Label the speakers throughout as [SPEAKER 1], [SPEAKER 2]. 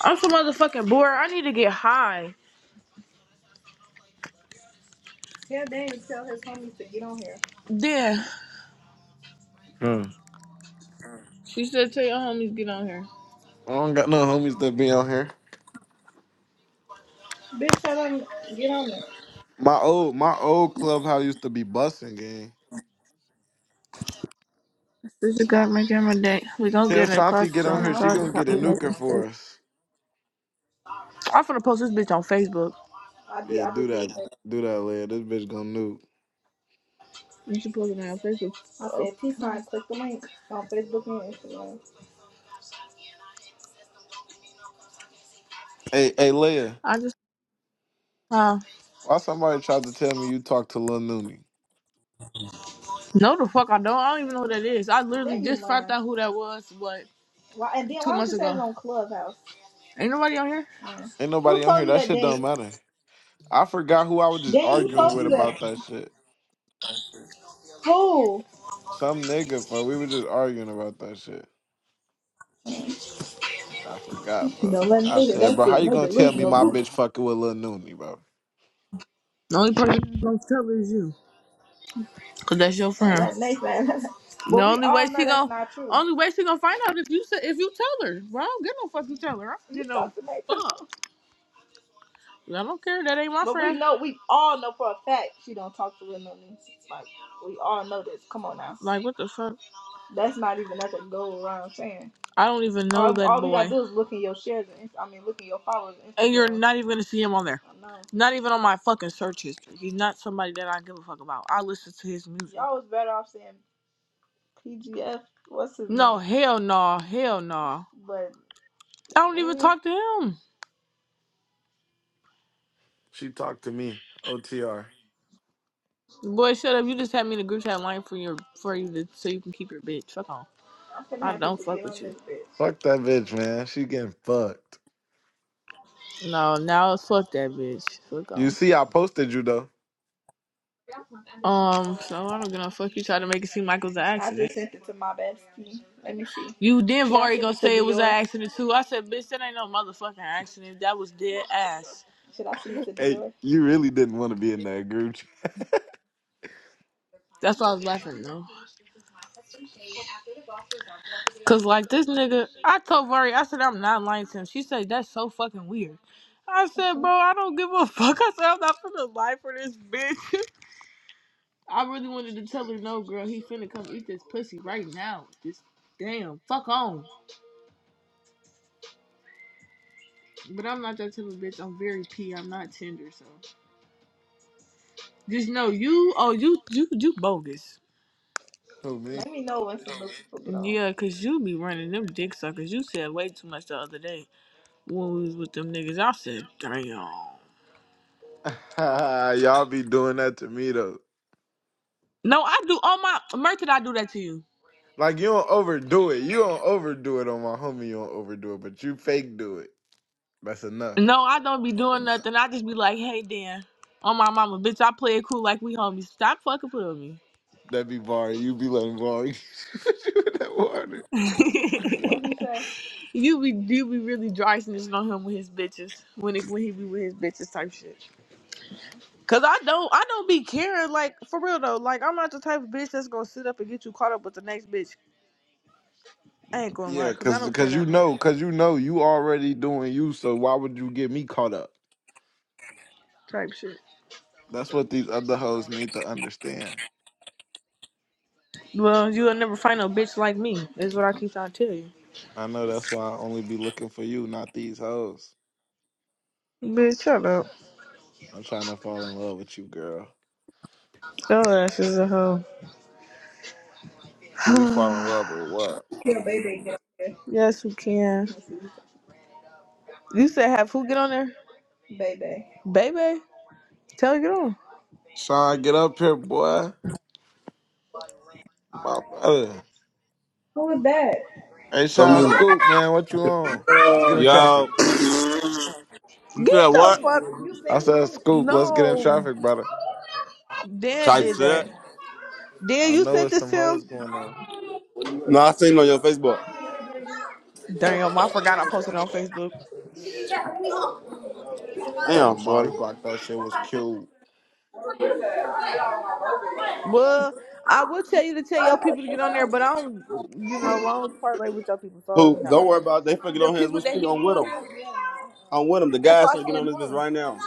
[SPEAKER 1] I'm so motherfucking bored. I need to get high. Yeah, damn, tell his homies to get on here. Yeah.
[SPEAKER 2] Hmm.
[SPEAKER 1] She said, tell your homies get on here.
[SPEAKER 2] I don't got no homies that be on here.
[SPEAKER 1] Bitch, tell them get on there.
[SPEAKER 2] My old my old clubhouse used to be busting gang.
[SPEAKER 1] This is got my camera day. We gonna
[SPEAKER 2] Tell
[SPEAKER 1] get in the car
[SPEAKER 2] Shanti get on
[SPEAKER 1] soon. The Oh,
[SPEAKER 2] here. She
[SPEAKER 1] car okay.
[SPEAKER 2] gonna get a
[SPEAKER 1] probably
[SPEAKER 2] nuker
[SPEAKER 1] late.
[SPEAKER 2] for us.
[SPEAKER 1] I'm finna post this bitch on Facebook. I did,
[SPEAKER 2] Yeah,
[SPEAKER 1] I
[SPEAKER 2] do
[SPEAKER 1] just did.
[SPEAKER 2] that. Do that, Leia. This bitch gonna nuke.
[SPEAKER 1] You should post it on your Facebook. I Oh. said, peace sign, click the link on Facebook and Instagram.
[SPEAKER 2] Hey, hey, Leia.
[SPEAKER 1] I just, Huh.
[SPEAKER 2] Why somebody tried to tell me you talked to Lil Nooney?
[SPEAKER 1] No, the fuck I don't. I don't even know who that is. I literally Then you just found lying. out who that was, but Why, and then two why would months you say it ago. on Clubhouse? Ain't nobody on here.
[SPEAKER 2] Ain't
[SPEAKER 1] Who
[SPEAKER 2] nobody on
[SPEAKER 1] told
[SPEAKER 2] here.
[SPEAKER 1] you
[SPEAKER 2] That
[SPEAKER 1] that,
[SPEAKER 2] shit don't
[SPEAKER 1] Daniel?
[SPEAKER 2] matter. I forgot who I was just
[SPEAKER 1] Daniel, who
[SPEAKER 2] arguing
[SPEAKER 1] told you
[SPEAKER 2] with
[SPEAKER 1] that?
[SPEAKER 2] about that shit.
[SPEAKER 1] Who?
[SPEAKER 2] Some nigga, for we were just arguing about that shit. I forgot, for.
[SPEAKER 1] Don't let me
[SPEAKER 2] I
[SPEAKER 1] hear
[SPEAKER 2] said,
[SPEAKER 1] that
[SPEAKER 2] bro, how
[SPEAKER 1] shit.
[SPEAKER 2] you
[SPEAKER 1] No
[SPEAKER 2] gonna tell me
[SPEAKER 1] delusional.
[SPEAKER 2] my
[SPEAKER 1] Who
[SPEAKER 2] bitch fucking with Lil Nooney, bro?
[SPEAKER 1] The only person that's gonna tell is you, cause that's your Don't friend. let me say that. The But we only way all know she that's gon' not true. only way she gonna find out if you say if you tell her, bro. I don't give no fuck you tell her. I don't You get no talk to me. fuck. I don't care. That ain't my But friend. we know, we all know for a fact she don't talk to real no niggas. Like, we all know this. Come on now. Like what the fuck? That's not even nothing to go around saying. I don't even know All, that all boy. All you gotta do is look in your shares, and I mean, look in your followers on and you're not even gonna see him on there. I know. Not even on my fucking search history. He's not somebody that I give a fuck about. I listen to his music. Y'all was better off saying PGF. What's his No, name? No, hell no, Nah, hell no. Nah. But I don't even mm, talk to him.
[SPEAKER 2] She talked to me. OTR.
[SPEAKER 1] Boy, shut up. You just had me in the group chat line for your for you to so you can keep your bitch. Fuck on. I don't fuck with you.
[SPEAKER 2] Fuck that bitch, man. She getting fucked.
[SPEAKER 1] No, now it's fuck that bitch. Fuck
[SPEAKER 2] You
[SPEAKER 1] on.
[SPEAKER 2] see, I posted you though.
[SPEAKER 1] Um, so I don't gonna fuck you try to make it seem like it was an I accident. just sent it to my bestie. Let me see. You then Should I already send gonna it to say it was an Dior? accident too. I said, bitch, that ain't no motherfucking accident. That was dead ass. Should I send it to
[SPEAKER 2] Hey,
[SPEAKER 1] Dior?
[SPEAKER 2] you really didn't want to be in that group. chat.
[SPEAKER 1] That's why I was laughing though. Cause like this nigga, I told Vari, I said I'm not lying to him. She said that's so fucking weird. I said, bro, I don't give a fuck. I said I'm not finna lie for this bitch. I really wanted to tell her no, girl. He finna come eat this pussy right now. Just damn, fuck on. But I'm not that type of bitch. I'm very p. I'm not tender, so just know you. Oh, you, you, you bogus.
[SPEAKER 2] Who me?
[SPEAKER 1] Let me know when some looks put it on. Yeah, cause you be running them dick suckers. You said way too much the other day when we was with them niggas. I said, damn.
[SPEAKER 2] Y'all be doing that to me though.
[SPEAKER 1] No, I do on my Merchant, I do that to you.
[SPEAKER 2] Like you don't overdo it. You don't overdo it on my homie. You don't overdo it, but you fake do it. That's enough.
[SPEAKER 1] No, I don't be doing nothing. I just be like, hey Dan. On my mama, bitch, I play it cool like we homies. Stop fucking with me.
[SPEAKER 2] That be bar. You be letting bar. you in that water.
[SPEAKER 1] you you be you be really dry snitching on him with his bitches. When it, when he be with his bitches type shit. Cause I don't I don't be caring, like for real though. Like I'm not the type of bitch that's gonna sit up and get you caught up with the next bitch. I ain't gonna lie,
[SPEAKER 2] Yeah,
[SPEAKER 1] cause I
[SPEAKER 2] cause
[SPEAKER 1] don't care
[SPEAKER 2] cause you
[SPEAKER 1] that much.
[SPEAKER 2] know, cause you know, you already doing you. So why would you get me caught up?
[SPEAKER 1] Type shit.
[SPEAKER 2] That's what these other hoes need to understand.
[SPEAKER 1] Well, you'll never find a bitch like me, is what I keep trying to tell you.
[SPEAKER 2] I know that's why I only be looking for you, not these hoes.
[SPEAKER 1] Bitch, shut up.
[SPEAKER 2] I'm trying to fall in love with you, girl.
[SPEAKER 1] Your ass is a hoe.
[SPEAKER 2] Can we fall in love or what?
[SPEAKER 1] Yeah, baby, get on there. yes, we can. You said have who get on there? Baby. Baby, tell her get on.
[SPEAKER 2] Sean, get up here, boy. My brother.
[SPEAKER 1] Who is that?
[SPEAKER 2] Hey, Sean, Scoop, man, what you on? Let's get in
[SPEAKER 3] Yo,
[SPEAKER 2] traffic.
[SPEAKER 3] you said
[SPEAKER 1] Get the Link.
[SPEAKER 3] what?
[SPEAKER 1] fuck. You sent
[SPEAKER 2] I
[SPEAKER 1] him the
[SPEAKER 2] said,
[SPEAKER 1] link.
[SPEAKER 2] Scoop, let's get in
[SPEAKER 1] No,
[SPEAKER 2] traffic, brother.
[SPEAKER 1] Dan
[SPEAKER 3] Type
[SPEAKER 1] did that.
[SPEAKER 3] shit.
[SPEAKER 1] Dan,
[SPEAKER 2] I
[SPEAKER 1] you
[SPEAKER 2] know
[SPEAKER 1] sent
[SPEAKER 2] it's
[SPEAKER 1] this
[SPEAKER 2] some
[SPEAKER 1] to him.
[SPEAKER 2] hoes going on.
[SPEAKER 3] No, I seen it on your Facebook.
[SPEAKER 1] Damn, um, I forgot I posted it on Facebook.
[SPEAKER 3] Damn,
[SPEAKER 2] Lamari
[SPEAKER 3] son.
[SPEAKER 2] Glock, that shit was cute.
[SPEAKER 1] Well, I will tell you to tell your people to get on there, but I don't, you know, I don't parlay with your people, so
[SPEAKER 3] Who? Don't
[SPEAKER 1] no.
[SPEAKER 3] worry about it. They fucking
[SPEAKER 1] The
[SPEAKER 3] on here as we
[SPEAKER 1] people that
[SPEAKER 3] speak.
[SPEAKER 1] he
[SPEAKER 3] I'm
[SPEAKER 1] be
[SPEAKER 3] with
[SPEAKER 1] on
[SPEAKER 3] them.
[SPEAKER 1] there,
[SPEAKER 3] I'm with them. The
[SPEAKER 1] that's
[SPEAKER 3] guys
[SPEAKER 1] why I
[SPEAKER 3] should get
[SPEAKER 1] said
[SPEAKER 3] on this bitch
[SPEAKER 1] no.
[SPEAKER 3] right now.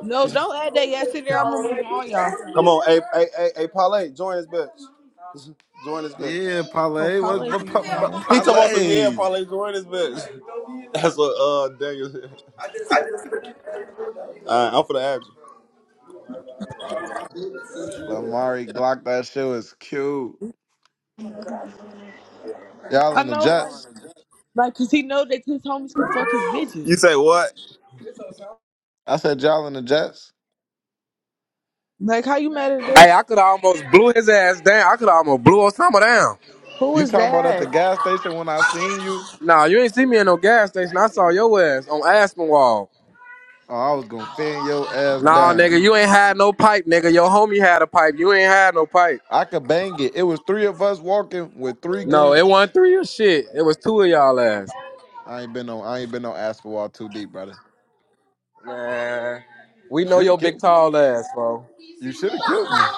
[SPEAKER 1] No, don't add that yes in there. I'm removing all y'all.
[SPEAKER 3] Come on, hey, hey, hey, hey, Parlay, join this bitch. Join this bitch.
[SPEAKER 2] Yeah,
[SPEAKER 1] Oh,
[SPEAKER 2] Parlay, what's
[SPEAKER 1] parlay
[SPEAKER 2] but
[SPEAKER 1] can
[SPEAKER 2] pa-
[SPEAKER 1] in
[SPEAKER 2] pa-
[SPEAKER 1] there.
[SPEAKER 3] He told us some yeah,
[SPEAKER 2] Parlay?
[SPEAKER 3] Parlay, join this bitch. That's what uh Daniel said. All right, I'm for the add you.
[SPEAKER 2] Lamari Glock, that shit was cute. Y'all
[SPEAKER 1] I
[SPEAKER 2] in the
[SPEAKER 1] know,
[SPEAKER 2] Jets?
[SPEAKER 1] like, cause he know that his homies can fuck his bitches.
[SPEAKER 3] You say what?
[SPEAKER 2] I said, y'all in the Jets?
[SPEAKER 1] Like, how you mad at
[SPEAKER 4] Hey,
[SPEAKER 1] this?
[SPEAKER 4] I could have almost blew his ass down. I could have almost blew Osama down.
[SPEAKER 1] Who
[SPEAKER 2] You
[SPEAKER 1] is
[SPEAKER 2] talking about at the
[SPEAKER 1] that?
[SPEAKER 2] gas station when I seen you?
[SPEAKER 4] Nah, you ain't see me in no gas station. I saw your ass on Aspenwall.
[SPEAKER 2] Oh, I was gonna fan your ass
[SPEAKER 4] Nah,
[SPEAKER 2] down.
[SPEAKER 4] nigga, you ain't had no pipe, nigga. Your homie had a pipe. You ain't had no pipe.
[SPEAKER 2] I could bang it. It was three of us walking with three
[SPEAKER 4] No, it
[SPEAKER 2] guns.
[SPEAKER 4] wasn't three or shit. It was two of y'all ass.
[SPEAKER 2] I ain't been no, I ain't been on asphalt too deep, brother.
[SPEAKER 4] Man, we
[SPEAKER 2] You
[SPEAKER 4] know
[SPEAKER 2] Should have
[SPEAKER 4] your big
[SPEAKER 2] killed me.
[SPEAKER 4] tall ass, bro.
[SPEAKER 2] You should have killed me.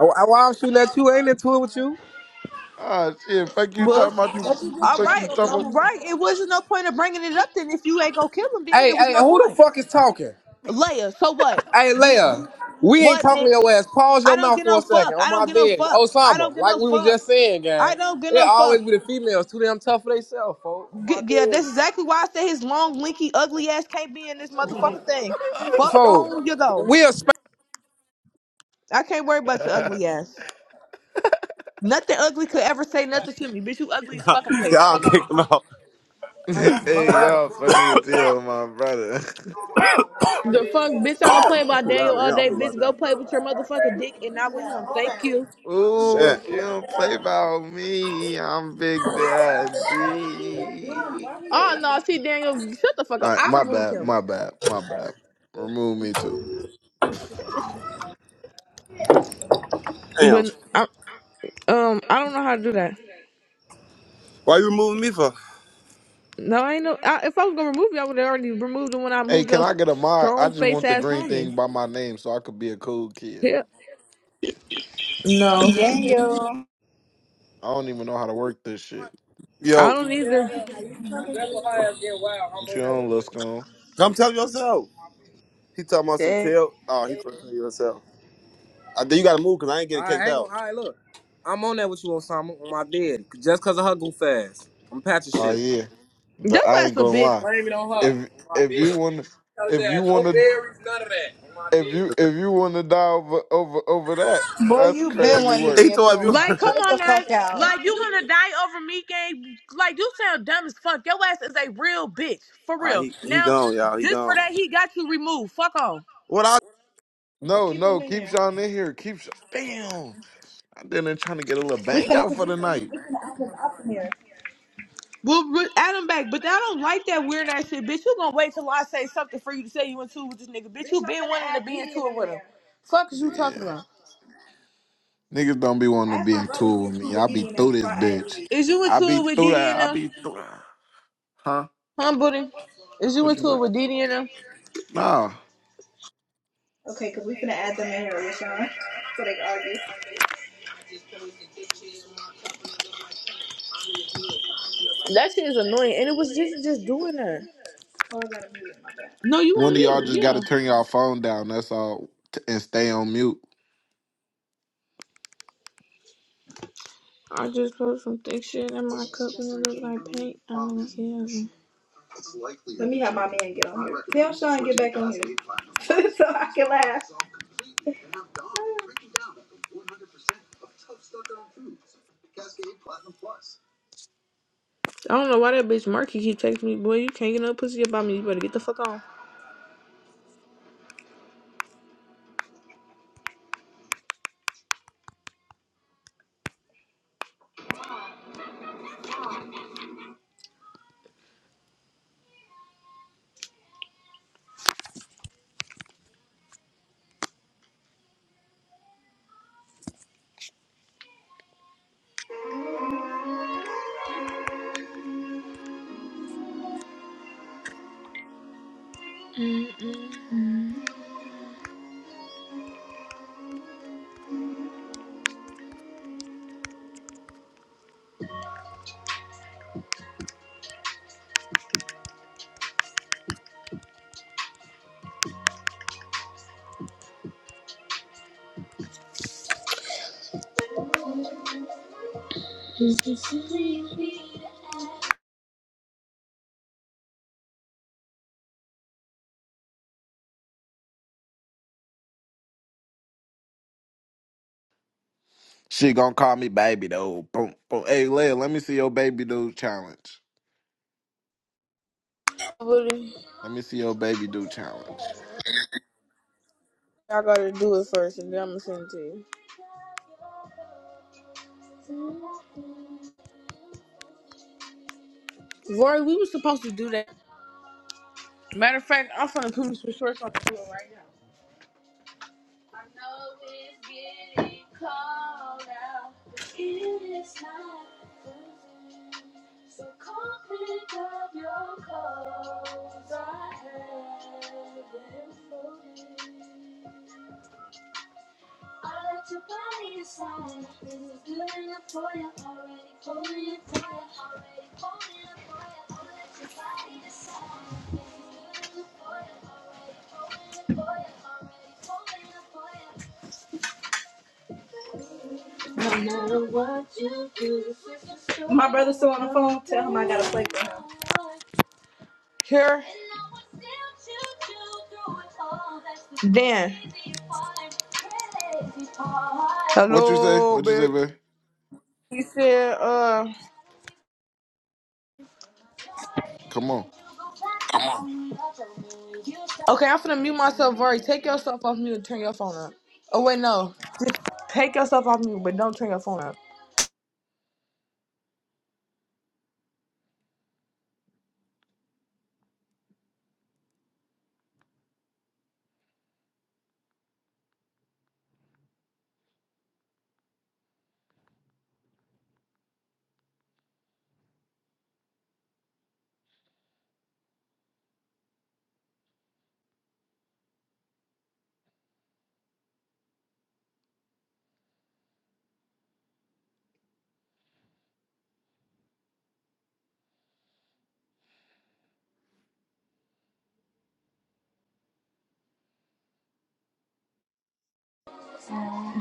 [SPEAKER 4] Oh, Why I'm shooting at you? Ain't into it with you?
[SPEAKER 2] Ah shit! Fuck you
[SPEAKER 1] Bush.
[SPEAKER 2] talking about you.
[SPEAKER 1] All
[SPEAKER 2] Fuck
[SPEAKER 1] right,
[SPEAKER 2] you talking.
[SPEAKER 1] right. It wasn't no point of bringing it up then if you ain't gonna kill him. Then
[SPEAKER 4] Hey,
[SPEAKER 1] there was
[SPEAKER 4] hey,
[SPEAKER 1] no
[SPEAKER 4] who the
[SPEAKER 1] point.
[SPEAKER 4] fuck is talking?
[SPEAKER 1] Leia, so what,
[SPEAKER 4] Hey,
[SPEAKER 1] bitch?
[SPEAKER 4] Leia, we ain't
[SPEAKER 1] What,
[SPEAKER 4] talking to
[SPEAKER 1] bitch?
[SPEAKER 4] your ass. Pause
[SPEAKER 1] I
[SPEAKER 4] your
[SPEAKER 1] don't
[SPEAKER 4] mouth
[SPEAKER 1] get
[SPEAKER 4] for
[SPEAKER 1] no
[SPEAKER 4] a second.
[SPEAKER 1] fuck.
[SPEAKER 4] On
[SPEAKER 1] I don't
[SPEAKER 4] my
[SPEAKER 1] get no
[SPEAKER 4] bed.
[SPEAKER 1] fuck. I don't
[SPEAKER 4] Osama,
[SPEAKER 1] get
[SPEAKER 4] like
[SPEAKER 1] no
[SPEAKER 4] we was
[SPEAKER 1] fuck.
[SPEAKER 4] just saying,
[SPEAKER 1] I
[SPEAKER 4] gang.
[SPEAKER 1] don't get
[SPEAKER 4] It
[SPEAKER 1] no
[SPEAKER 4] always
[SPEAKER 1] fuck.
[SPEAKER 4] be the females too damn tough for themselves, folks. On my
[SPEAKER 1] G- Yeah,
[SPEAKER 4] bed.
[SPEAKER 1] that's exactly why I say his long, linky, ugly ass can't be in this motherfucking thing. Fuck
[SPEAKER 4] Folks,
[SPEAKER 1] on you though.
[SPEAKER 4] we are
[SPEAKER 1] I can't worry about your
[SPEAKER 2] About...
[SPEAKER 1] ugly ass. Nothing ugly could ever say nothing to me. Bitch, you ugly as fucking face.
[SPEAKER 3] I'll
[SPEAKER 1] Fuck
[SPEAKER 3] kick
[SPEAKER 1] on.
[SPEAKER 3] him out.
[SPEAKER 1] Fuck on
[SPEAKER 2] hey
[SPEAKER 1] that.
[SPEAKER 2] y'all, funny as hell, my brother.
[SPEAKER 1] The fuck, bitch, I don't play about
[SPEAKER 3] Too loud
[SPEAKER 1] Daniel
[SPEAKER 3] in
[SPEAKER 1] all
[SPEAKER 3] I'm
[SPEAKER 1] day.
[SPEAKER 3] for right
[SPEAKER 1] Bitch, go play
[SPEAKER 3] now.
[SPEAKER 1] with your motherfucking dick and not with him. Thank you.
[SPEAKER 2] Ooh,
[SPEAKER 3] Shit.
[SPEAKER 2] she don't play about me. I'm Big Daddy.
[SPEAKER 1] Oh, no, see, Daniel, shut the fuck
[SPEAKER 2] All
[SPEAKER 1] up.
[SPEAKER 2] right,
[SPEAKER 1] I
[SPEAKER 5] I
[SPEAKER 2] my
[SPEAKER 1] removed
[SPEAKER 5] removed
[SPEAKER 2] bad,
[SPEAKER 1] him.
[SPEAKER 5] him.
[SPEAKER 2] my bad, my bad. Remove me too.
[SPEAKER 3] Damn.
[SPEAKER 1] But, I, um, I don't know how to do that.
[SPEAKER 3] Why you removing me for?
[SPEAKER 1] No, I ain't no. I, if I was gonna remove you, I would have already removed him when I
[SPEAKER 2] Hey,
[SPEAKER 1] moved
[SPEAKER 2] can
[SPEAKER 1] your
[SPEAKER 2] I get a mod? I
[SPEAKER 1] strong
[SPEAKER 2] just
[SPEAKER 1] face
[SPEAKER 2] want the
[SPEAKER 1] ass
[SPEAKER 2] green
[SPEAKER 1] homie.
[SPEAKER 2] thing by my name so I could be a cool kid.
[SPEAKER 1] Yeah. No,
[SPEAKER 5] Daniel.
[SPEAKER 2] I don't even know how to work this shit.
[SPEAKER 1] I
[SPEAKER 3] Yo,
[SPEAKER 1] don't either.
[SPEAKER 2] What you on, let's go.
[SPEAKER 3] come tell yourself. He talking about some
[SPEAKER 5] Shit.
[SPEAKER 3] tail. Oh, he finna tell yourself. I think you gotta move because I ain't getting I kicked ain't out. going Look, I'm on that with you, Osama, on my bed. Just because of her goof ass. I'm patching
[SPEAKER 2] Oh
[SPEAKER 3] shit.
[SPEAKER 2] yeah, but
[SPEAKER 1] That
[SPEAKER 2] I
[SPEAKER 1] ass
[SPEAKER 2] ain't
[SPEAKER 1] a
[SPEAKER 2] gonna
[SPEAKER 1] bitch.
[SPEAKER 2] lie.
[SPEAKER 3] Blame it on her. On
[SPEAKER 2] If
[SPEAKER 3] my
[SPEAKER 2] if
[SPEAKER 3] bed.
[SPEAKER 2] you want,
[SPEAKER 3] Tell her
[SPEAKER 2] if you
[SPEAKER 3] that. No
[SPEAKER 2] want to,
[SPEAKER 3] berries, none of that. On my
[SPEAKER 2] if you
[SPEAKER 3] bed.
[SPEAKER 2] if you want to die over over over that,
[SPEAKER 5] Boy,
[SPEAKER 1] Boy,
[SPEAKER 2] that's
[SPEAKER 5] you
[SPEAKER 1] you been
[SPEAKER 5] been
[SPEAKER 2] crazy
[SPEAKER 1] wanting
[SPEAKER 5] wanting
[SPEAKER 1] to
[SPEAKER 5] to
[SPEAKER 1] be
[SPEAKER 3] He
[SPEAKER 5] be
[SPEAKER 2] work.
[SPEAKER 1] a-
[SPEAKER 3] told
[SPEAKER 5] intimate
[SPEAKER 3] you.
[SPEAKER 5] with
[SPEAKER 1] Like,
[SPEAKER 5] him.
[SPEAKER 1] come
[SPEAKER 5] Cut it
[SPEAKER 1] on
[SPEAKER 5] the
[SPEAKER 1] now.
[SPEAKER 5] fuck out.
[SPEAKER 1] Like, you wanna die over me, gang? Like, you sound dumb as fuck. Your ass is a real bitch, for
[SPEAKER 3] ah,
[SPEAKER 1] real.
[SPEAKER 3] he he
[SPEAKER 1] Now,
[SPEAKER 3] gone, y'all. He
[SPEAKER 1] just for
[SPEAKER 3] gone.
[SPEAKER 1] that, he got you removed. Fuck on.
[SPEAKER 3] What
[SPEAKER 1] We'll
[SPEAKER 2] No,
[SPEAKER 1] can
[SPEAKER 2] no, keep
[SPEAKER 1] add
[SPEAKER 2] Sean in here. Keep Sean. Damn, I didn't trying to get a little
[SPEAKER 5] We
[SPEAKER 2] bang
[SPEAKER 5] finna.
[SPEAKER 2] out for the night.
[SPEAKER 1] him up in here. we re- add him back, but I don't like that weird ass shit, bitch. You gonna wait till I say something for you to say you into with this nigga, bitch? You been wanting to be into two with him. Fuck is you talking
[SPEAKER 2] Yeah.
[SPEAKER 1] about?
[SPEAKER 2] Niggas don't be wanting to
[SPEAKER 1] Ask
[SPEAKER 2] be
[SPEAKER 1] my
[SPEAKER 2] in
[SPEAKER 1] brother if he
[SPEAKER 2] tool with
[SPEAKER 1] approved
[SPEAKER 2] me.
[SPEAKER 1] with
[SPEAKER 2] I be
[SPEAKER 1] Diddy and them
[SPEAKER 2] through
[SPEAKER 1] before
[SPEAKER 2] this
[SPEAKER 1] I did
[SPEAKER 2] bitch.
[SPEAKER 1] it. Is you into
[SPEAKER 2] I be
[SPEAKER 1] tour with
[SPEAKER 2] through
[SPEAKER 1] Diddy
[SPEAKER 2] that.
[SPEAKER 1] and
[SPEAKER 2] I
[SPEAKER 1] them?
[SPEAKER 2] be through that. Huh?
[SPEAKER 1] Huh, buddy? Is you
[SPEAKER 2] What
[SPEAKER 1] into
[SPEAKER 2] you
[SPEAKER 1] tour
[SPEAKER 2] do?
[SPEAKER 1] with Diddy and them?
[SPEAKER 2] Nah.
[SPEAKER 1] Okay, because we finna add them in here, Rashawn. So they can argue. That shit is annoying, and it was just just doing that. Oh, I gotta mute it, my bad. No, you on
[SPEAKER 2] One of y'all
[SPEAKER 1] you,
[SPEAKER 2] just
[SPEAKER 1] yeah.
[SPEAKER 2] gotta turn y'all phone down. That's all. T- And stay on mute.
[SPEAKER 1] I just put some thick shit in my cup and it looked like paint. I don't see Let me have my man get on here. Tell Sean get back on here so I can laugh. I don't know why that bitch Marky keep texting me, boy. You can't get no pussy about me. You better get the fuck on.
[SPEAKER 2] She gonna call me baby though. Boom, boom. Hey, Leia, let me see your baby do challenge.
[SPEAKER 1] buddy.
[SPEAKER 2] Let me see your baby do challenge.
[SPEAKER 1] I gotta do it first, and then I'm gonna send it to you. Rory, we were supposed to do that. Matter of fact, I'm gonna put some shorts on the floor right now. Here. Dan.
[SPEAKER 2] What you say?
[SPEAKER 1] Hello,
[SPEAKER 2] What you say,
[SPEAKER 1] big.
[SPEAKER 2] baby?
[SPEAKER 1] He said, uh.
[SPEAKER 2] Come on.
[SPEAKER 1] Okay, I'm gonna mute myself, Rory. Take yourself off mute and turn your phone up. Oh, wait, no. Take yourself off mute, but don't turn your phone up.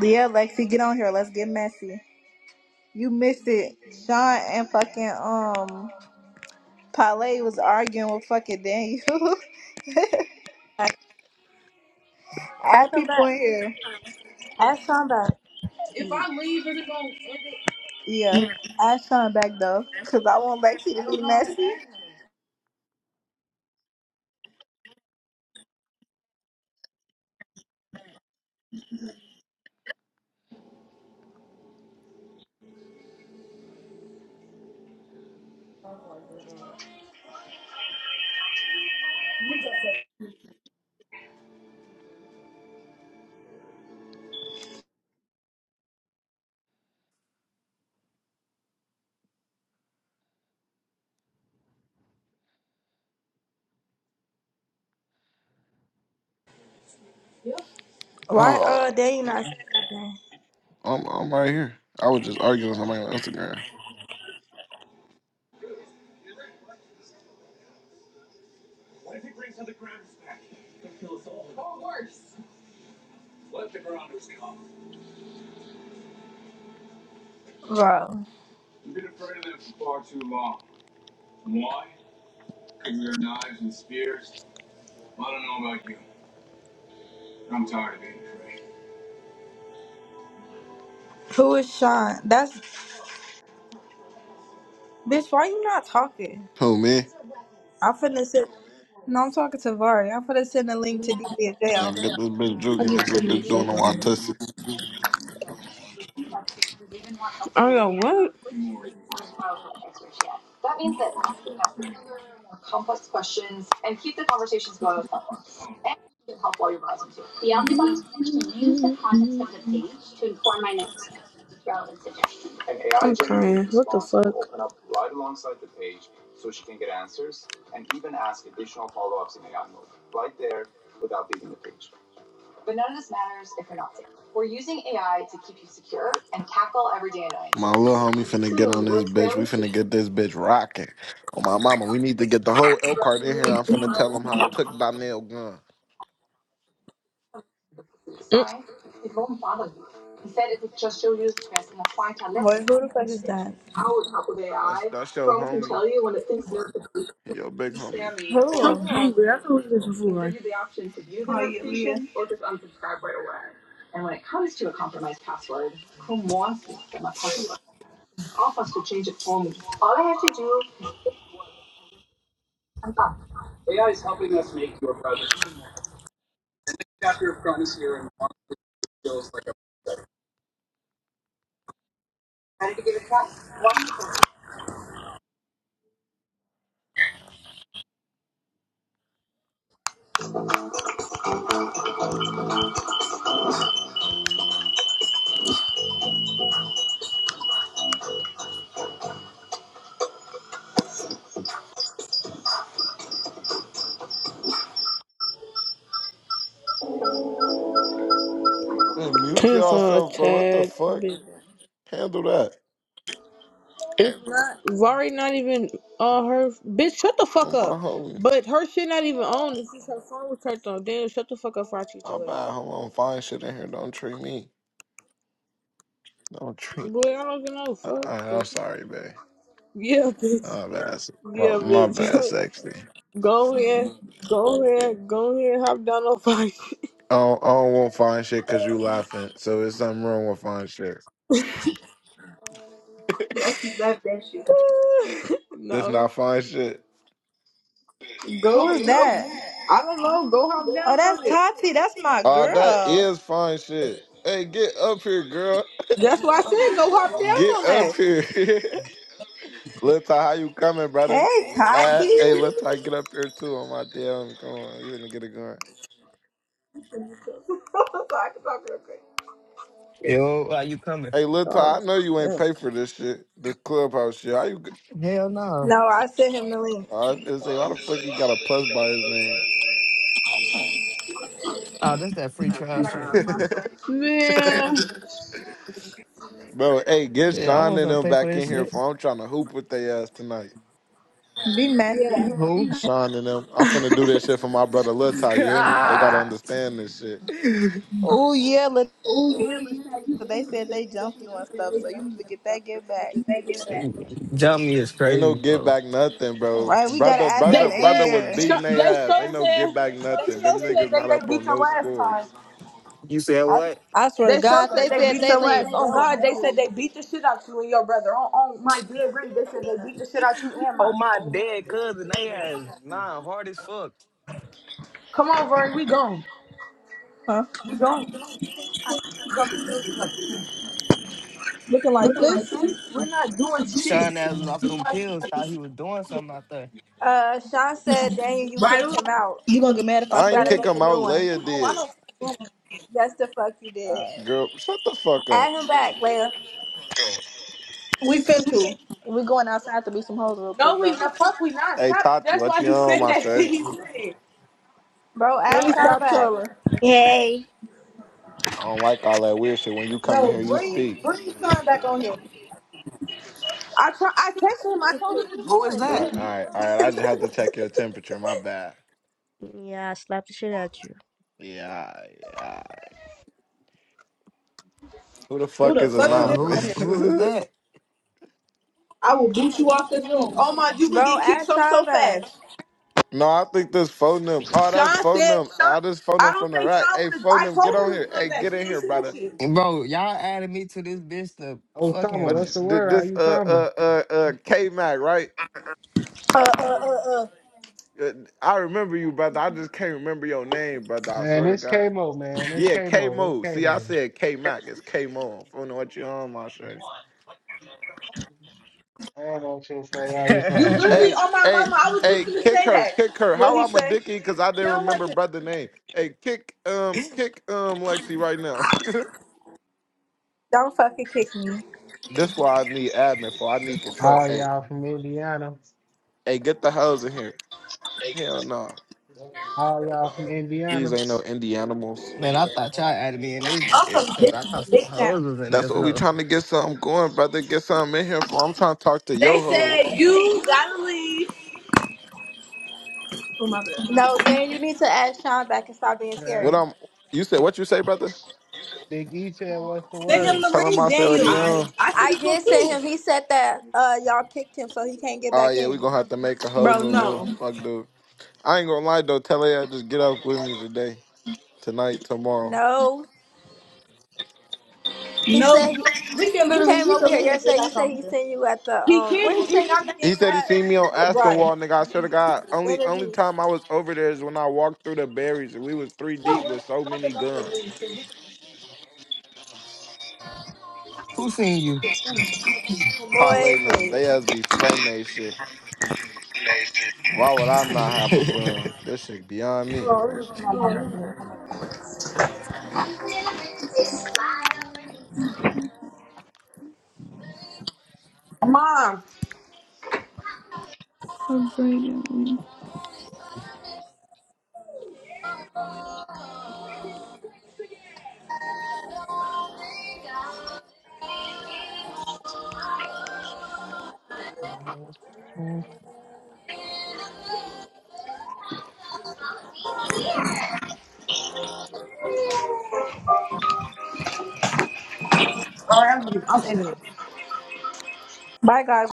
[SPEAKER 5] Yeah, Lexi, get on here. Let's get messy. You missed it. Sean and fucking um Pale was arguing with fucking Daniel.
[SPEAKER 6] back.
[SPEAKER 5] Add
[SPEAKER 6] Ask him
[SPEAKER 5] people
[SPEAKER 6] back.
[SPEAKER 5] in here.
[SPEAKER 6] Ask Sean back.
[SPEAKER 5] If I leave, is it gonna end it? Yeah, add Sean back though, cause I want Lexi to be messy.
[SPEAKER 6] Why uh they not saying
[SPEAKER 2] Oh, I'm, I'm right here. I was just arguing with somebody on Instagram.
[SPEAKER 6] nothing? Bro. Who is Sean? That's bitch, why you not talking?
[SPEAKER 2] Who, me?
[SPEAKER 6] I'm finna sit No, I'm talking to Vari. I'm finna send a link to DB in jail.
[SPEAKER 2] And get this bitch juking, get this bitch doing a Watusi.
[SPEAKER 1] Oh, yeah, what? complex questions, and keep the conversations going with help. And you can help while you're browsing too. Beyond the box content section to inform But none of this matters if you're not safe. We're using AI to keep you secure and tackle everyday
[SPEAKER 2] My little
[SPEAKER 1] annoyances.
[SPEAKER 2] homie finna get
[SPEAKER 1] Soon,
[SPEAKER 2] on
[SPEAKER 1] we'll
[SPEAKER 2] this
[SPEAKER 1] expand
[SPEAKER 2] bitch. We
[SPEAKER 1] this
[SPEAKER 2] finna
[SPEAKER 1] feature
[SPEAKER 2] get this bitch rocking. Oh my mama, we need to get the whole
[SPEAKER 1] to
[SPEAKER 2] Elkhart in
[SPEAKER 1] threaten
[SPEAKER 2] here. I'm
[SPEAKER 1] you.
[SPEAKER 2] finna tell him how I took Donnell gun.
[SPEAKER 1] It won't bother you. Instead, it will just show you the best and apply to
[SPEAKER 6] Boy,
[SPEAKER 1] lessons.
[SPEAKER 6] who the fuck is that?
[SPEAKER 1] How would help with
[SPEAKER 2] That's
[SPEAKER 1] AI?
[SPEAKER 2] that's your
[SPEAKER 1] Chrome can
[SPEAKER 2] homie.
[SPEAKER 1] tell you when it thinks you're
[SPEAKER 2] Your big homie.
[SPEAKER 1] Sammy
[SPEAKER 6] Who?
[SPEAKER 1] or They give you the option to view the notification or just unsubscribe right away. And when it comes to a compromised password, Chrome wants me to get my password. Off us to change it for me. All I have to do, I'm up.
[SPEAKER 2] Hey, mute
[SPEAKER 1] Tails on a
[SPEAKER 2] yourself, bro. What the
[SPEAKER 1] tad
[SPEAKER 2] fuck?
[SPEAKER 1] bit.
[SPEAKER 2] Handle that.
[SPEAKER 1] It's not Vari not even on her bitch. Shut the fuck
[SPEAKER 2] Oh my
[SPEAKER 1] up.
[SPEAKER 2] homie.
[SPEAKER 1] But her shit not even on. It's just her phone was turned on. Damn, shut the fuck up before I treat
[SPEAKER 2] My
[SPEAKER 1] your ass.
[SPEAKER 2] bad. Hold on. Find shit in here. Don't treat me. Don't treat.
[SPEAKER 1] Boy, I don't even know.
[SPEAKER 2] I,
[SPEAKER 1] Fuck
[SPEAKER 2] I,
[SPEAKER 1] the
[SPEAKER 2] I'm
[SPEAKER 1] fuck.
[SPEAKER 2] sorry, babe.
[SPEAKER 1] Yeah, bitch.
[SPEAKER 2] My bad.
[SPEAKER 1] Yeah,
[SPEAKER 2] My, my bad,
[SPEAKER 1] bitch.
[SPEAKER 2] sexy.
[SPEAKER 1] Go ahead, go ahead, go ahead, hop down on fight.
[SPEAKER 2] I don't, I don't want fine shit because you laughing. So it's something wrong with fine shit. That's
[SPEAKER 1] no,
[SPEAKER 2] not fine shit.
[SPEAKER 5] Who
[SPEAKER 1] go,
[SPEAKER 5] is that?
[SPEAKER 1] go.
[SPEAKER 5] I
[SPEAKER 1] I don't
[SPEAKER 5] don't
[SPEAKER 1] know,
[SPEAKER 5] know. Go
[SPEAKER 1] go hop
[SPEAKER 5] hop down Oh,
[SPEAKER 1] down
[SPEAKER 5] that's
[SPEAKER 1] on it.
[SPEAKER 5] Tati. That's my
[SPEAKER 2] Ah, that
[SPEAKER 5] girl.
[SPEAKER 2] is fine shit. Hey, get up here, girl.
[SPEAKER 1] That's
[SPEAKER 5] That's why
[SPEAKER 1] why I
[SPEAKER 5] I
[SPEAKER 1] said
[SPEAKER 5] said
[SPEAKER 1] go
[SPEAKER 5] go
[SPEAKER 1] hop
[SPEAKER 5] hop
[SPEAKER 1] down
[SPEAKER 5] down
[SPEAKER 2] Get
[SPEAKER 5] on
[SPEAKER 1] on
[SPEAKER 5] that.
[SPEAKER 2] up
[SPEAKER 1] that.
[SPEAKER 2] here. Lil Ty, how you coming,
[SPEAKER 5] Hey,
[SPEAKER 2] brother? Uh,
[SPEAKER 5] Tati.
[SPEAKER 2] hey, Lil Ty, get up here too on my damn. Come on, you gonna get it going.
[SPEAKER 1] I'm sorry, I can talk real quick.
[SPEAKER 7] Yo, why you coming?
[SPEAKER 2] Hey, Lil Ty,
[SPEAKER 1] Oh,
[SPEAKER 2] I know you ain't pay for this shit, the clubhouse shit. How you? g-
[SPEAKER 7] Hell no.
[SPEAKER 6] No, I sent him the link.
[SPEAKER 2] oh, I was gonna say, why the fuck you got a plus by his name?
[SPEAKER 7] Oh, that's that free trial shit.
[SPEAKER 1] yeah. Man,
[SPEAKER 2] Bro, hey, get
[SPEAKER 7] Shit, I
[SPEAKER 2] Sean and
[SPEAKER 7] wasn't finna
[SPEAKER 2] them
[SPEAKER 7] pay for
[SPEAKER 2] back in
[SPEAKER 7] this
[SPEAKER 2] here
[SPEAKER 7] shit.
[SPEAKER 2] for I'm trying to hoop with their ass tonight.
[SPEAKER 5] Be messy.
[SPEAKER 7] Who?
[SPEAKER 2] Sean and them. I'm finna do this shit for my brother Lil Ty, you hear me? They gotta understand this shit.
[SPEAKER 5] Oh, yeah. Look, they said they jumped you and stuff, so you need to get that get back.
[SPEAKER 7] Jump me is
[SPEAKER 2] Ain't no
[SPEAKER 7] crazy,
[SPEAKER 2] give
[SPEAKER 7] folks.
[SPEAKER 2] back nothing,
[SPEAKER 5] All
[SPEAKER 2] bro.
[SPEAKER 5] right, we got to
[SPEAKER 2] Brother,
[SPEAKER 5] add
[SPEAKER 2] brother,
[SPEAKER 5] them in
[SPEAKER 2] brother was
[SPEAKER 5] here.
[SPEAKER 2] beating their ass. Ain't no give back nothing. Them niggas not
[SPEAKER 1] they
[SPEAKER 2] up
[SPEAKER 1] beat
[SPEAKER 2] on
[SPEAKER 1] your
[SPEAKER 2] no
[SPEAKER 1] last time.
[SPEAKER 2] scores.
[SPEAKER 7] You said
[SPEAKER 5] I,
[SPEAKER 7] what?
[SPEAKER 5] I swear to
[SPEAKER 1] They so
[SPEAKER 5] God,
[SPEAKER 1] said
[SPEAKER 5] they
[SPEAKER 1] they
[SPEAKER 5] said
[SPEAKER 1] beat
[SPEAKER 5] they
[SPEAKER 1] your ass.
[SPEAKER 5] laid
[SPEAKER 1] Oh
[SPEAKER 5] belt
[SPEAKER 1] God,
[SPEAKER 5] on
[SPEAKER 1] they said
[SPEAKER 5] you.
[SPEAKER 1] they beat the shit out you and your brother. On, on my dead ring, they said they beat the shit out you and
[SPEAKER 7] Oh,
[SPEAKER 1] Mike.
[SPEAKER 7] my dead cousin, they ass nah, hard as fuck.
[SPEAKER 1] Come on, Vern, we gone.
[SPEAKER 5] Huh? Looking like this?
[SPEAKER 1] Shit.
[SPEAKER 7] Sean ass was off them pills, thought he was doing something out there.
[SPEAKER 6] Uh Sean said, Daniel, you
[SPEAKER 1] Right
[SPEAKER 5] Right.
[SPEAKER 6] kicked
[SPEAKER 1] along.
[SPEAKER 6] him out.
[SPEAKER 5] You gonna get mad if I
[SPEAKER 6] You
[SPEAKER 2] I
[SPEAKER 5] stay
[SPEAKER 2] ain't
[SPEAKER 6] gotta
[SPEAKER 5] here?
[SPEAKER 2] kick
[SPEAKER 6] make
[SPEAKER 2] them
[SPEAKER 6] a
[SPEAKER 2] out.
[SPEAKER 6] new one.
[SPEAKER 2] Leia did.
[SPEAKER 6] That's the fuck you did.
[SPEAKER 2] Girl, shut the fuck up.
[SPEAKER 6] Add him back, Leia.
[SPEAKER 1] We
[SPEAKER 5] We
[SPEAKER 1] said,
[SPEAKER 5] fin to. We going outside to be some hoes real
[SPEAKER 1] no,
[SPEAKER 5] quick
[SPEAKER 1] we
[SPEAKER 5] though.
[SPEAKER 1] not. Fuck, we not.
[SPEAKER 2] Hey
[SPEAKER 1] Stop.
[SPEAKER 2] Tati,
[SPEAKER 1] That's
[SPEAKER 2] what
[SPEAKER 1] why
[SPEAKER 2] you
[SPEAKER 1] he
[SPEAKER 2] on,
[SPEAKER 1] said
[SPEAKER 2] my
[SPEAKER 1] that
[SPEAKER 2] shorty?
[SPEAKER 1] shit.
[SPEAKER 6] Bro,
[SPEAKER 5] Let
[SPEAKER 6] add
[SPEAKER 5] me
[SPEAKER 6] Sean
[SPEAKER 5] stop
[SPEAKER 6] back.
[SPEAKER 5] trolling.
[SPEAKER 8] Hey,
[SPEAKER 2] I don't like all that weird shit. When you come in
[SPEAKER 5] No,
[SPEAKER 2] here, you
[SPEAKER 5] bring
[SPEAKER 2] speak.
[SPEAKER 5] bring Sean back on here.
[SPEAKER 1] I try, I texted him. I
[SPEAKER 8] you
[SPEAKER 1] told
[SPEAKER 8] too.
[SPEAKER 1] him to
[SPEAKER 7] Who is
[SPEAKER 1] join,
[SPEAKER 2] All
[SPEAKER 1] but
[SPEAKER 7] that?
[SPEAKER 2] right, all
[SPEAKER 1] he,
[SPEAKER 2] right, all right.
[SPEAKER 1] he
[SPEAKER 2] I just
[SPEAKER 1] didn't
[SPEAKER 2] have
[SPEAKER 1] do
[SPEAKER 2] to
[SPEAKER 1] it.
[SPEAKER 2] check your temperature. My bad.
[SPEAKER 8] Yeah, I slapped the shit out you.
[SPEAKER 2] Yeah, yeah. Who the
[SPEAKER 5] Who
[SPEAKER 2] fuck
[SPEAKER 5] the
[SPEAKER 2] is
[SPEAKER 5] fuck is
[SPEAKER 7] Damn,
[SPEAKER 5] this on
[SPEAKER 7] who
[SPEAKER 5] here?
[SPEAKER 2] anonymous?
[SPEAKER 7] who is that?
[SPEAKER 5] I
[SPEAKER 1] I will
[SPEAKER 5] will
[SPEAKER 1] beat
[SPEAKER 5] boot
[SPEAKER 1] you
[SPEAKER 5] you off
[SPEAKER 1] off this
[SPEAKER 5] this
[SPEAKER 1] room.
[SPEAKER 5] room.
[SPEAKER 1] Oh
[SPEAKER 5] Oh
[SPEAKER 1] my,
[SPEAKER 5] my,
[SPEAKER 1] you
[SPEAKER 5] you
[SPEAKER 1] would
[SPEAKER 5] can
[SPEAKER 6] Bro,
[SPEAKER 1] get
[SPEAKER 5] get
[SPEAKER 1] kicked
[SPEAKER 5] kicked
[SPEAKER 6] add
[SPEAKER 1] some
[SPEAKER 5] from
[SPEAKER 1] so
[SPEAKER 5] so
[SPEAKER 6] Sean
[SPEAKER 5] fast.
[SPEAKER 6] back.
[SPEAKER 1] fast.
[SPEAKER 2] No, I think this phone them. Oh,
[SPEAKER 1] Sean
[SPEAKER 2] that's phone
[SPEAKER 1] said,
[SPEAKER 2] them.
[SPEAKER 1] Sean,
[SPEAKER 2] I just phone
[SPEAKER 1] I
[SPEAKER 2] them
[SPEAKER 1] don't
[SPEAKER 2] from the
[SPEAKER 1] think
[SPEAKER 2] rack.
[SPEAKER 1] Sean
[SPEAKER 2] Hey,
[SPEAKER 1] wanted. I
[SPEAKER 2] phone
[SPEAKER 5] I,
[SPEAKER 2] them. Get
[SPEAKER 1] told
[SPEAKER 2] on
[SPEAKER 1] him to
[SPEAKER 2] here.
[SPEAKER 1] join
[SPEAKER 2] Hey,
[SPEAKER 1] back.
[SPEAKER 2] get
[SPEAKER 1] He
[SPEAKER 2] in
[SPEAKER 1] ain't
[SPEAKER 2] here,
[SPEAKER 1] saying
[SPEAKER 2] brother.
[SPEAKER 1] shit.
[SPEAKER 7] Bro, y'all added me to this bitch to
[SPEAKER 9] Oh, Tomo,
[SPEAKER 2] What you,
[SPEAKER 7] fucking
[SPEAKER 9] that's the
[SPEAKER 2] th-
[SPEAKER 9] word. How
[SPEAKER 2] this
[SPEAKER 9] you
[SPEAKER 2] uh
[SPEAKER 9] coming?
[SPEAKER 2] uh uh uh K Mac right?
[SPEAKER 5] Uh, uh, uh, uh.
[SPEAKER 2] Uh, I remember you, brother. I just can't remember your name, brother. I
[SPEAKER 9] Man,
[SPEAKER 2] swear to
[SPEAKER 9] this
[SPEAKER 2] God.
[SPEAKER 9] K-Mo, man. This
[SPEAKER 2] Yeah, K
[SPEAKER 9] K-Mo. This
[SPEAKER 2] Mo. See, I
[SPEAKER 9] K-Mo.
[SPEAKER 2] said K Mac. It's K Mo. I don't know what you on, my shorty.
[SPEAKER 9] Man, that shit say, how you
[SPEAKER 1] You
[SPEAKER 9] coming?
[SPEAKER 1] literally,
[SPEAKER 7] Man,
[SPEAKER 2] Hey,
[SPEAKER 1] on my
[SPEAKER 2] hey,
[SPEAKER 1] mama, I was just
[SPEAKER 2] hey,
[SPEAKER 1] gonna
[SPEAKER 2] kick
[SPEAKER 1] say
[SPEAKER 2] her,
[SPEAKER 1] that.
[SPEAKER 2] kick her.
[SPEAKER 5] what
[SPEAKER 2] How
[SPEAKER 5] he
[SPEAKER 2] I'm a
[SPEAKER 5] say?
[SPEAKER 2] dicky because I didn't
[SPEAKER 1] Sound like
[SPEAKER 2] remember
[SPEAKER 1] a
[SPEAKER 2] brother name. Hey, kick um, kick um, Lexi right now.
[SPEAKER 6] Don't fucking kick me.
[SPEAKER 2] This why I need admin for. I need control.
[SPEAKER 9] All
[SPEAKER 2] Hey,
[SPEAKER 9] y'all from Indiana.
[SPEAKER 2] hey, get the hoes in here. Hell no,
[SPEAKER 9] All y'all from
[SPEAKER 2] these
[SPEAKER 9] Indiana.
[SPEAKER 2] ain't no indie animals.
[SPEAKER 7] I thought y'all added me in this
[SPEAKER 5] I'm
[SPEAKER 7] bitch
[SPEAKER 5] from
[SPEAKER 7] cause
[SPEAKER 5] Big,
[SPEAKER 7] I thought some
[SPEAKER 5] Big
[SPEAKER 7] hoes
[SPEAKER 5] Town.
[SPEAKER 7] was in
[SPEAKER 2] That's
[SPEAKER 7] this
[SPEAKER 2] what we
[SPEAKER 7] hoe.
[SPEAKER 2] trying to get something going, brother. Get something in here for. I'm trying to talk to
[SPEAKER 5] They
[SPEAKER 2] yo
[SPEAKER 5] said
[SPEAKER 2] hoes.
[SPEAKER 5] you gotta leave. Oh my bad.
[SPEAKER 6] No, Dan, you need to add Sean back and stop being
[SPEAKER 9] Yeah.
[SPEAKER 2] What
[SPEAKER 6] scary.
[SPEAKER 2] I'm you said what you say, brother?
[SPEAKER 9] Big E said, what's the
[SPEAKER 5] Send him
[SPEAKER 9] word?
[SPEAKER 5] the
[SPEAKER 2] Tell him
[SPEAKER 5] link,
[SPEAKER 2] I said what
[SPEAKER 5] Daniel.
[SPEAKER 2] he
[SPEAKER 5] I,
[SPEAKER 2] on.
[SPEAKER 5] I said
[SPEAKER 6] I did send him. He said that uh y'all kicked him, so he can't get
[SPEAKER 2] Oh
[SPEAKER 6] back
[SPEAKER 2] yeah, we
[SPEAKER 6] in.
[SPEAKER 2] gonna have to make a whole
[SPEAKER 5] Bro,
[SPEAKER 2] new room.
[SPEAKER 5] no.
[SPEAKER 2] Fuck dude. I ain't gonna lie though, tell her just get up with me today, tonight, tomorrow.
[SPEAKER 6] No, he
[SPEAKER 5] No.
[SPEAKER 6] said he,
[SPEAKER 5] We can
[SPEAKER 6] he
[SPEAKER 5] literally,
[SPEAKER 6] came
[SPEAKER 5] we can
[SPEAKER 6] over here
[SPEAKER 5] literally get
[SPEAKER 6] yesterday. He
[SPEAKER 5] back
[SPEAKER 6] said
[SPEAKER 5] on
[SPEAKER 6] he
[SPEAKER 5] here.
[SPEAKER 6] seen you at the
[SPEAKER 5] he
[SPEAKER 1] geek.
[SPEAKER 5] kicked
[SPEAKER 6] um. Where
[SPEAKER 5] because
[SPEAKER 6] he said he seen
[SPEAKER 2] He
[SPEAKER 6] Daniel
[SPEAKER 2] said he
[SPEAKER 6] at?
[SPEAKER 2] seen me on
[SPEAKER 5] Right.
[SPEAKER 2] Aspenwall, nigga. I swear to God, only only
[SPEAKER 6] Energies.
[SPEAKER 2] time I was over there is when I walked through the berries and we was three deep with so many guns.
[SPEAKER 7] Who seen you?
[SPEAKER 2] Parlay
[SPEAKER 6] Boy,
[SPEAKER 2] them. They
[SPEAKER 6] please.
[SPEAKER 2] has be frightened they shit. Why would I not have a gun? This shit beyond me.
[SPEAKER 7] Good
[SPEAKER 5] Bye, guys.